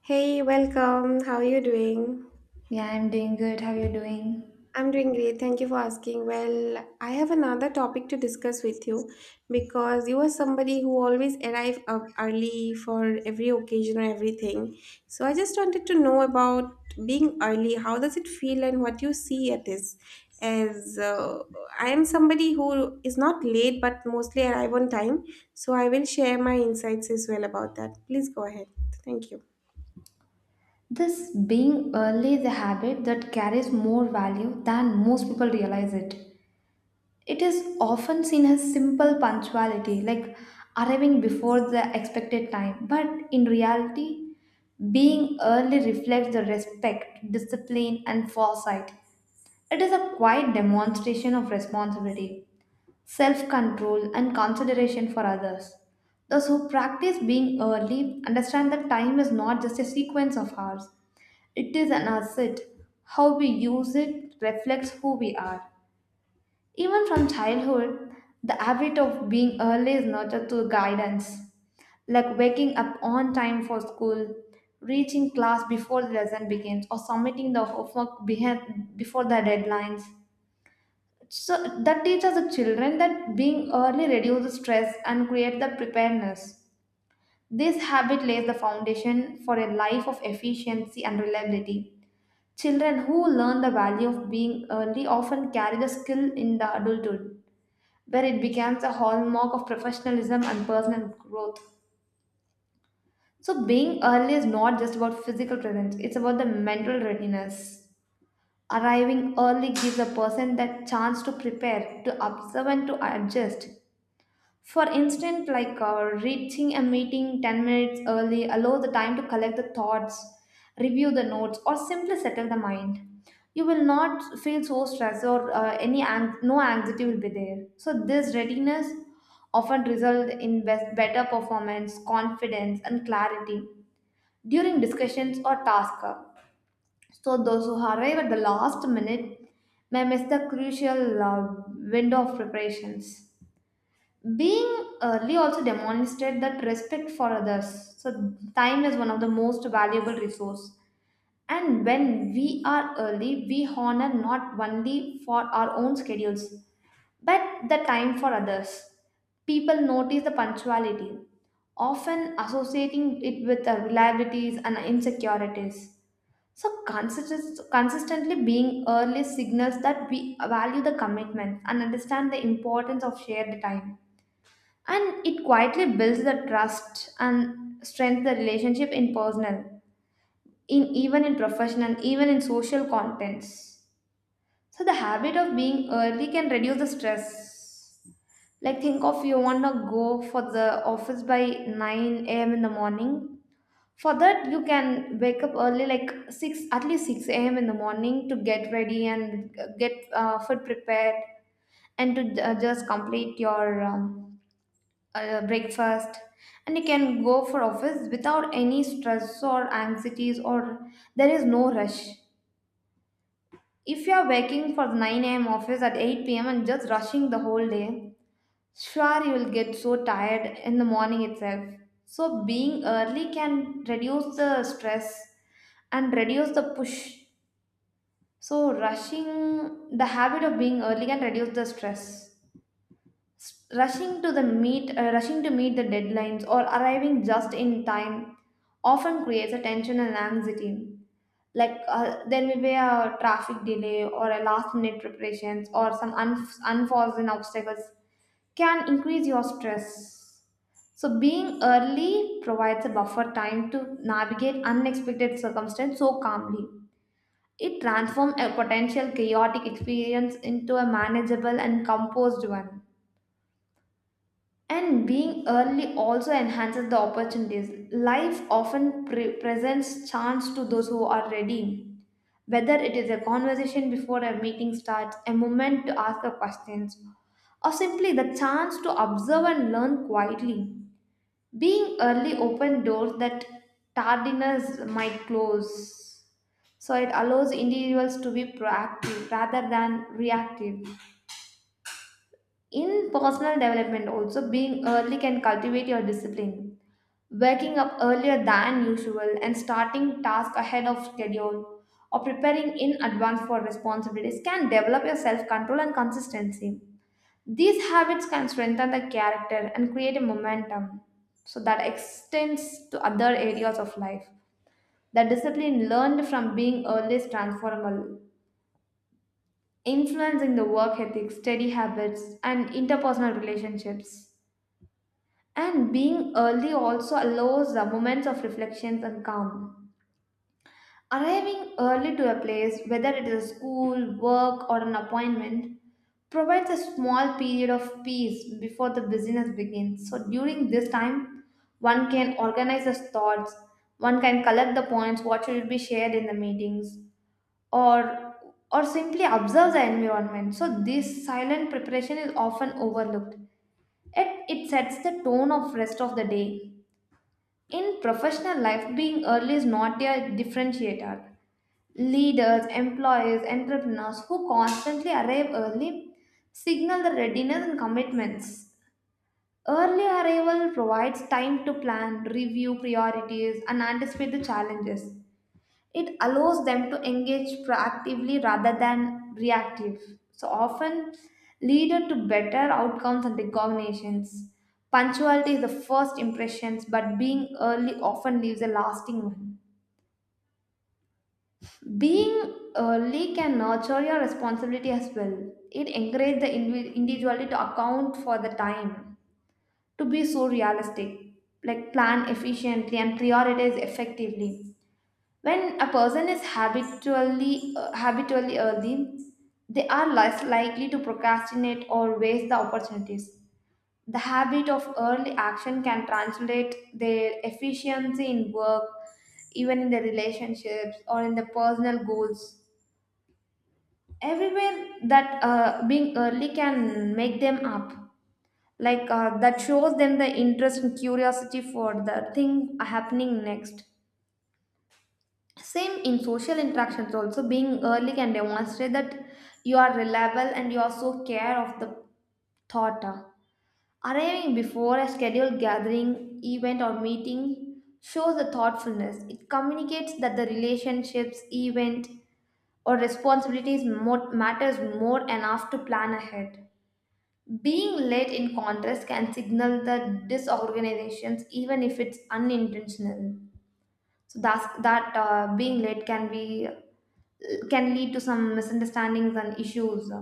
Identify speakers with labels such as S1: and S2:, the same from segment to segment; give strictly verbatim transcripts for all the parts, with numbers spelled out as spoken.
S1: Hey, welcome. How are you doing?
S2: Yeah, I'm doing good. How you doing?
S1: I'm doing great. Thank you for asking. Well, I have another topic to discuss with you because you are somebody who always arrive up early for every occasion or everything. So I just wanted to know about being early. How does it feel and what you see at this? As uh, I am somebody who is not late but mostly arrive on time. So I will share my insights as well about that. Please go ahead. Thank you.
S2: This being early is a habit that carries more value than most people realize it. It is often seen as simple punctuality, like arriving before the expected time, but in reality, being early reflects the respect, discipline, and foresight. It is a quiet demonstration of responsibility, self control, and consideration for others. Those who practice being early understand that time is not just a sequence of hours, it is an asset. How we use it reflects who we are. Even from childhood, the habit of being early is nurtured through guidance, like waking up on time for school, reaching class before the lesson begins, or submitting the homework behind, before the deadlines. So that teaches the children that being early reduces stress and creates the preparedness. This habit lays the foundation for a life of efficiency and reliability. Children who learn the value of being early often carry the skill in the adulthood where it becomes a hallmark of professionalism and personal growth. So, being early is not just about physical presence, it's about the mental readiness. Arriving early gives a person that chance to prepare, to observe, and to adjust. For instance, like uh, reaching a meeting ten minutes early allows the time to collect the thoughts, review the notes, or simply settle the mind. You will not feel so stressed or uh, any ang- no anxiety will be there. So this readiness often result in best- better performance, confidence, and clarity during discussions or tasks. So those who arrive at the last minute may miss the crucial uh, window of preparations. Being early also demonstrates that respect for others. So time is one of the most valuable resource. And when we are early, we honor not only for our own schedules, but the time for others. People notice the punctuality, often associating it with the reliabilities and insecurities. So consist- consistently being early signals that we value the commitment and understand the importance of shared time, and it quietly builds the trust and strengthens the relationship in personal, in even in professional, even in social contents. So the habit of being early can reduce the stress. Like think of you want to go for the office by nine a m a.m in the morning. For that you can wake up early like six, at least six a m a.m in the morning to get ready and uh, get uh, food prepared, and to uh, just complete your um, uh, breakfast, and you can go for office without any stress or anxieties, or there is no rush. If you are working for nine a m a.m office at eight p m p.m and just rushing the whole day, sure you will get so tired in the morning itself. So being early can reduce the stress and reduce the push. So rushing, the habit of being early can reduce the stress. S- rushing to the meet uh, rushing to meet the deadlines or arriving just in time often creates a tension and anxiety. Like uh, there may be a traffic delay or a last minute preparations, or some un- unforeseen obstacles can increase your stress. So being early provides a buffer time to navigate unexpected circumstances so calmly. It transforms a potential chaotic experience into a manageable and composed one. And being early also enhances the opportunities. Life often pre- presents chance to those who are ready. Whether it is a conversation before a meeting starts, a moment to ask a questions, or simply the chance to observe and learn quietly. Being early open doors that tardiness might close. So it allows individuals to be proactive rather than reactive. In personal development also, being early can cultivate your discipline, waking up earlier than usual and starting tasks ahead of schedule or preparing in advance for responsibilities can develop your self control and consistency. These habits can strengthen the character and create a momentum so that extends to other areas of life. The discipline learned from being early is transformable, influencing the work ethic, study habits, and interpersonal relationships. And being early also allows the moments of reflections and calm. Arriving early to a place, whether it is a school, work, or an appointment, provides a small period of peace before the business begins. So, during this time, one can organize his thoughts, one can collect the points, what should be shared in the meetings, or or simply observe the environment. So, this silent preparation is often overlooked. Yet, it sets the tone of rest of the day. In professional life, being early is not a differentiator. Leaders, employees, entrepreneurs who constantly arrive early signal the readiness and commitments. Early arrival provides time to plan, review priorities, and anticipate the challenges. It allows them to engage proactively rather than reactive. So often leader to better outcomes and recognitions. Punctuality is the first impressions, but being early often leaves a lasting one. Being early can nurture your responsibility as well. It encourages the invi- individually to account for the time, to be so realistic, like plan efficiently and prioritize effectively. When a person is habitually uh, habitually early, they are less likely to procrastinate or waste the opportunities. The habit of early action can translate their efficiency in work, even in the relationships or in the personal goals, everywhere that uh, being early can make them up. Like uh, that shows them the interest and curiosity for the thing happening next. Same in social interactions also, being early can demonstrate that you are reliable and you also care of the thought. Uh, arriving before a scheduled gathering event or meeting shows the thoughtfulness. It communicates that the relationships, event or responsibilities more, matters more enough to plan ahead. Being late, in contrast, can signal the disorganizations even if it's unintentional. So that's, that uh, being late can be can lead to some misunderstandings and issues.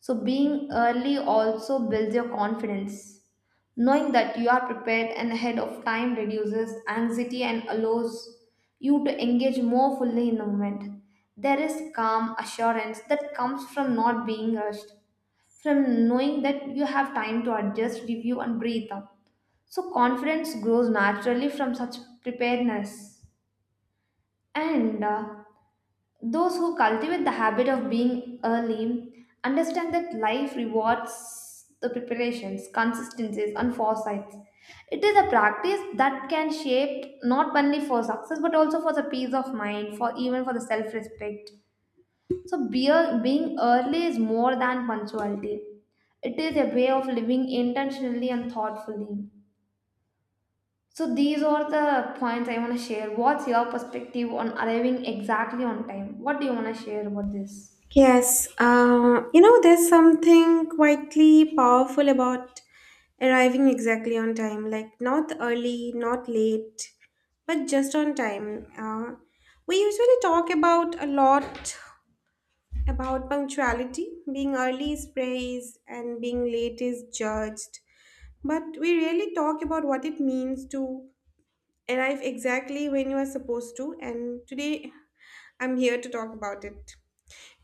S2: So, being early also builds your confidence. Knowing that you are prepared and ahead of time reduces anxiety and allows you to engage more fully in the moment. There is calm assurance that comes from not being rushed, from knowing that you have time to adjust, review, and breathe up. So, confidence grows naturally from such preparedness. And uh, those who cultivate the habit of being early understand that life rewards the preparations, consistencies, and foresights. It is a practice that can shape not only for success but also for the peace of mind, for even for the self-respect. So beer, being early is more than punctuality. It is a way of living intentionally and thoughtfully. So these are the points I want to share. What's your perspective on arriving exactly on time? What do you want to share about this?
S1: Yes, uh, you know, there's something quietly powerful about arriving exactly on time, like not early, not late, but just on time. Uh, we usually talk about a lot about punctuality. Being early is praised and being late is judged. But we rarely talk about what it means to arrive exactly when you are supposed to. And today I'm here to talk about it.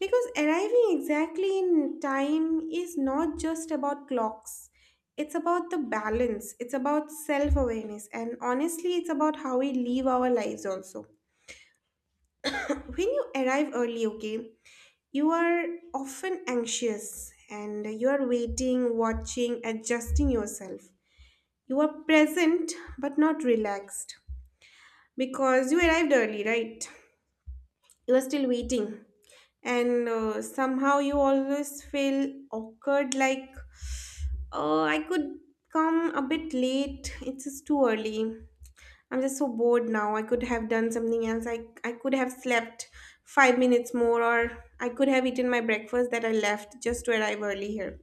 S1: Because arriving exactly in time is not just about clocks. It's about the balance, it's about self awareness, and honestly, it's about how we live our lives also. When you arrive early, okay, you are often anxious and you are waiting, watching, adjusting yourself. You are present but not relaxed because you arrived early, right? You are still waiting, and uh, somehow you always feel awkward, like, oh, I could come a bit late, it's just too early. I'm just so bored now. I could have done something else. I, I could have slept five minutes more, or I could have eaten my breakfast that I left just to arrive early here.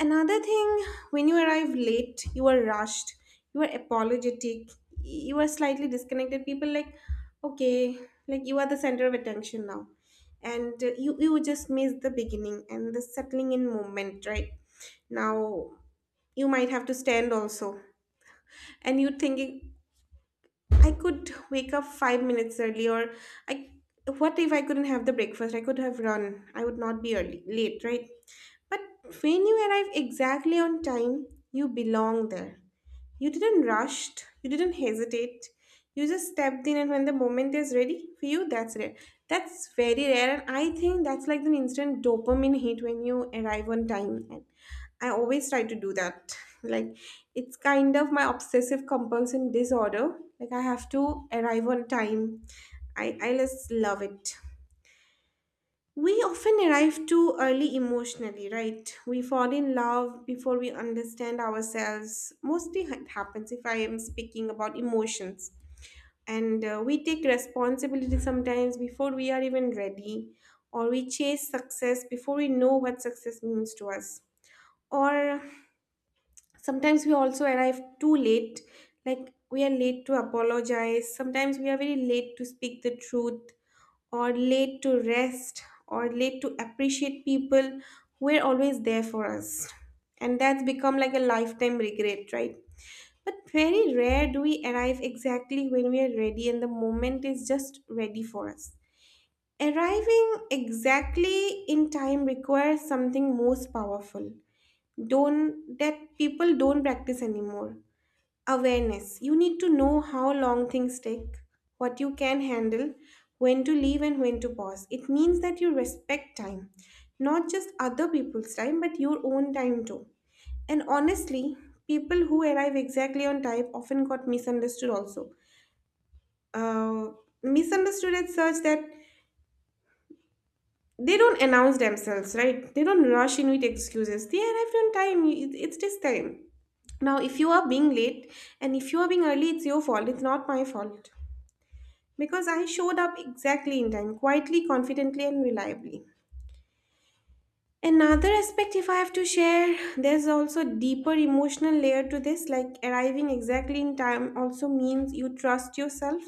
S1: Another thing, when you arrive late, you are rushed, you are apologetic, you are slightly disconnected. People like, okay, like you are the center of attention now. And uh, you, you just miss the beginning and the settling in moment, right? Now you might have to stand also. And you're thinking, I could wake up five minutes early, or I, what if I couldn't have the breakfast? I could have run. I would not be early, late, right? But when you arrive exactly on time, you belong there. You didn't rush, you didn't hesitate. You just stepped in, and when the moment is ready for you, that's rare. That's very rare, and I think that's like an instant dopamine hit when you arrive on time. And I always try to do that. Like, it's kind of my obsessive compulsion disorder. Like, I have to arrive on time. I, I just love it. We often arrive too early emotionally, right? We fall in love before we understand ourselves. Mostly it happens if I am speaking about emotions. And uh, we take responsibility sometimes before we are even ready, or we chase success before we know what success means to us. Or sometimes we also arrive too late, like we are late to apologize, sometimes we are very late to speak the truth, or late to rest, or late to appreciate people who were always there for us. And that's become like a lifetime regret, right? But very rare do we arrive exactly when we are ready and the moment is just ready for us. Arriving exactly in time requires something most powerful. Don't that people don't practice anymore. Awareness. You need to know how long things take, what you can handle, when to leave, and when to pause. It means that you respect time, not just other people's time, but your own time too. And honestly, people who arrive exactly on time often got misunderstood also. Uh, Misunderstood at such that they don't announce themselves, right? They don't rush in with excuses. They arrived on time. It- It's this time. Now, if you are being late, and if you are being early, it's your fault. It's not my fault, because I showed up exactly in time, quietly, confidently, and reliably. Another aspect, if I have to share, there's also deeper emotional layer to this. Like arriving exactly in time also means you trust yourself.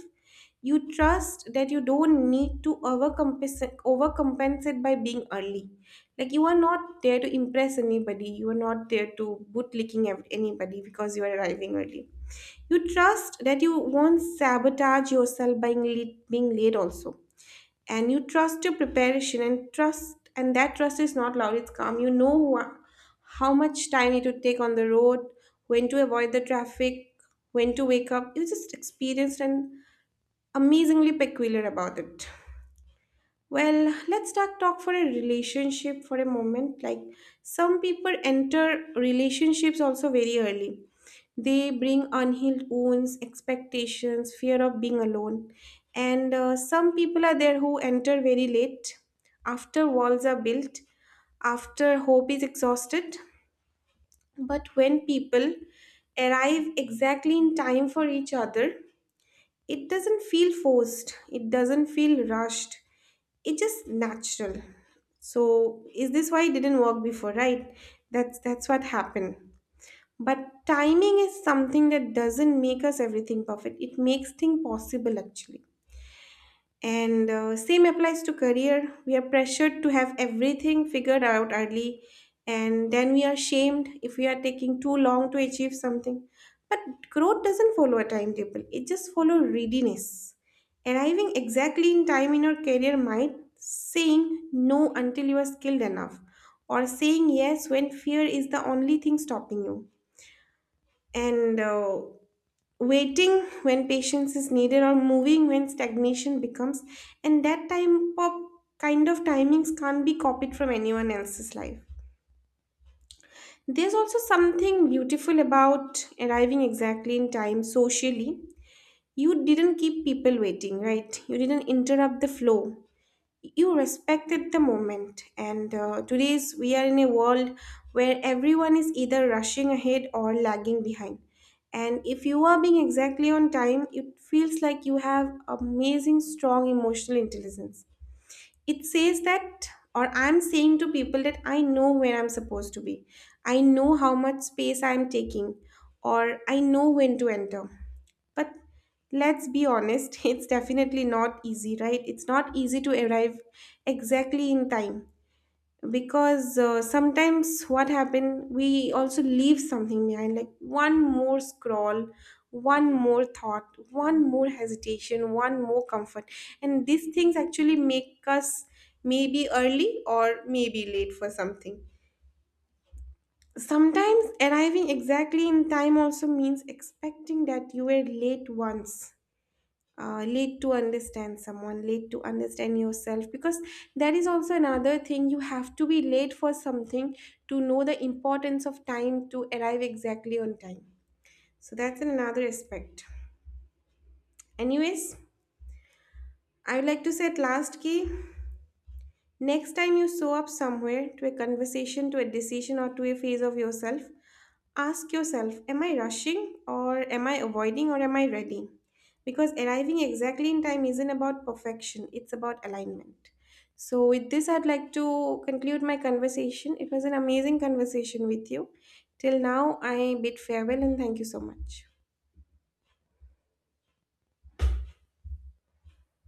S1: You trust that you don't need to overcompensate, overcompensate by being early. Like you are not there to impress anybody. You are not there to bootlicking ev- anybody because you are arriving early. You trust that you won't sabotage yourself by being late being late also, and you trust your preparation and trust, and that trust is not loud, it's calm. You know wha- how much time it would take on the road, when to avoid the traffic, when to wake up. You're just experienced and amazingly peculiar about it. Well, let's start talk for a relationship for a moment. Like some people enter relationships also very early. They bring unhealed wounds, expectations, fear of being alone. And uh, some people are there who enter very late, after walls are built, after hope is exhausted. But when people arrive exactly in time for each other, it doesn't feel forced, it doesn't feel rushed, it's just natural. So is this why it didn't work before, right? That's that's what happened. But timing is something that doesn't make us everything perfect, it makes things possible actually. And uh, same applies to career. We are pressured to have everything figured out early, and then we are shamed if we are taking too long to achieve something. But growth doesn't follow a timetable, it just follows readiness. Arriving exactly in time in your career might saying no until you are skilled enough, or saying yes when fear is the only thing stopping you. And uh, waiting when patience is needed, or moving when stagnation becomes, and that time of kind of timings can't be copied from anyone else's life. There's also something beautiful about arriving exactly in time socially. You didn't keep people waiting, right? You didn't interrupt the flow, you respected the moment, and uh, today's we are in a world where everyone is either rushing ahead or lagging behind, and if you are being exactly on time, it feels like you have amazing strong emotional intelligence. It says that, or I'm saying to people that I know where I'm supposed to be, I know how much space I'm taking, or I know when to enter. But let's be honest, it's definitely not easy, right? It's not easy to arrive exactly in time, because uh, sometimes what happen, we also leave something behind, like one more scroll, one more thought, one more hesitation, one more comfort. And these things actually make us maybe early or maybe late for something. Sometimes arriving exactly in time also means expecting that you were late once, uh, late to understand someone, late to understand yourself, because that is also another thing. You have to be late for something to know the importance of time, to arrive exactly on time. So that's another aspect. Anyways, I would like to say at last key, next time you show up somewhere, to a conversation, to a decision, or to a phase of yourself, ask yourself, am I rushing, or am I avoiding, or am I ready? Because arriving exactly in time isn't about perfection, it's about alignment. So, with this, I'd like to conclude my conversation. It was an amazing conversation with you. Till now, I bid farewell and thank you so much.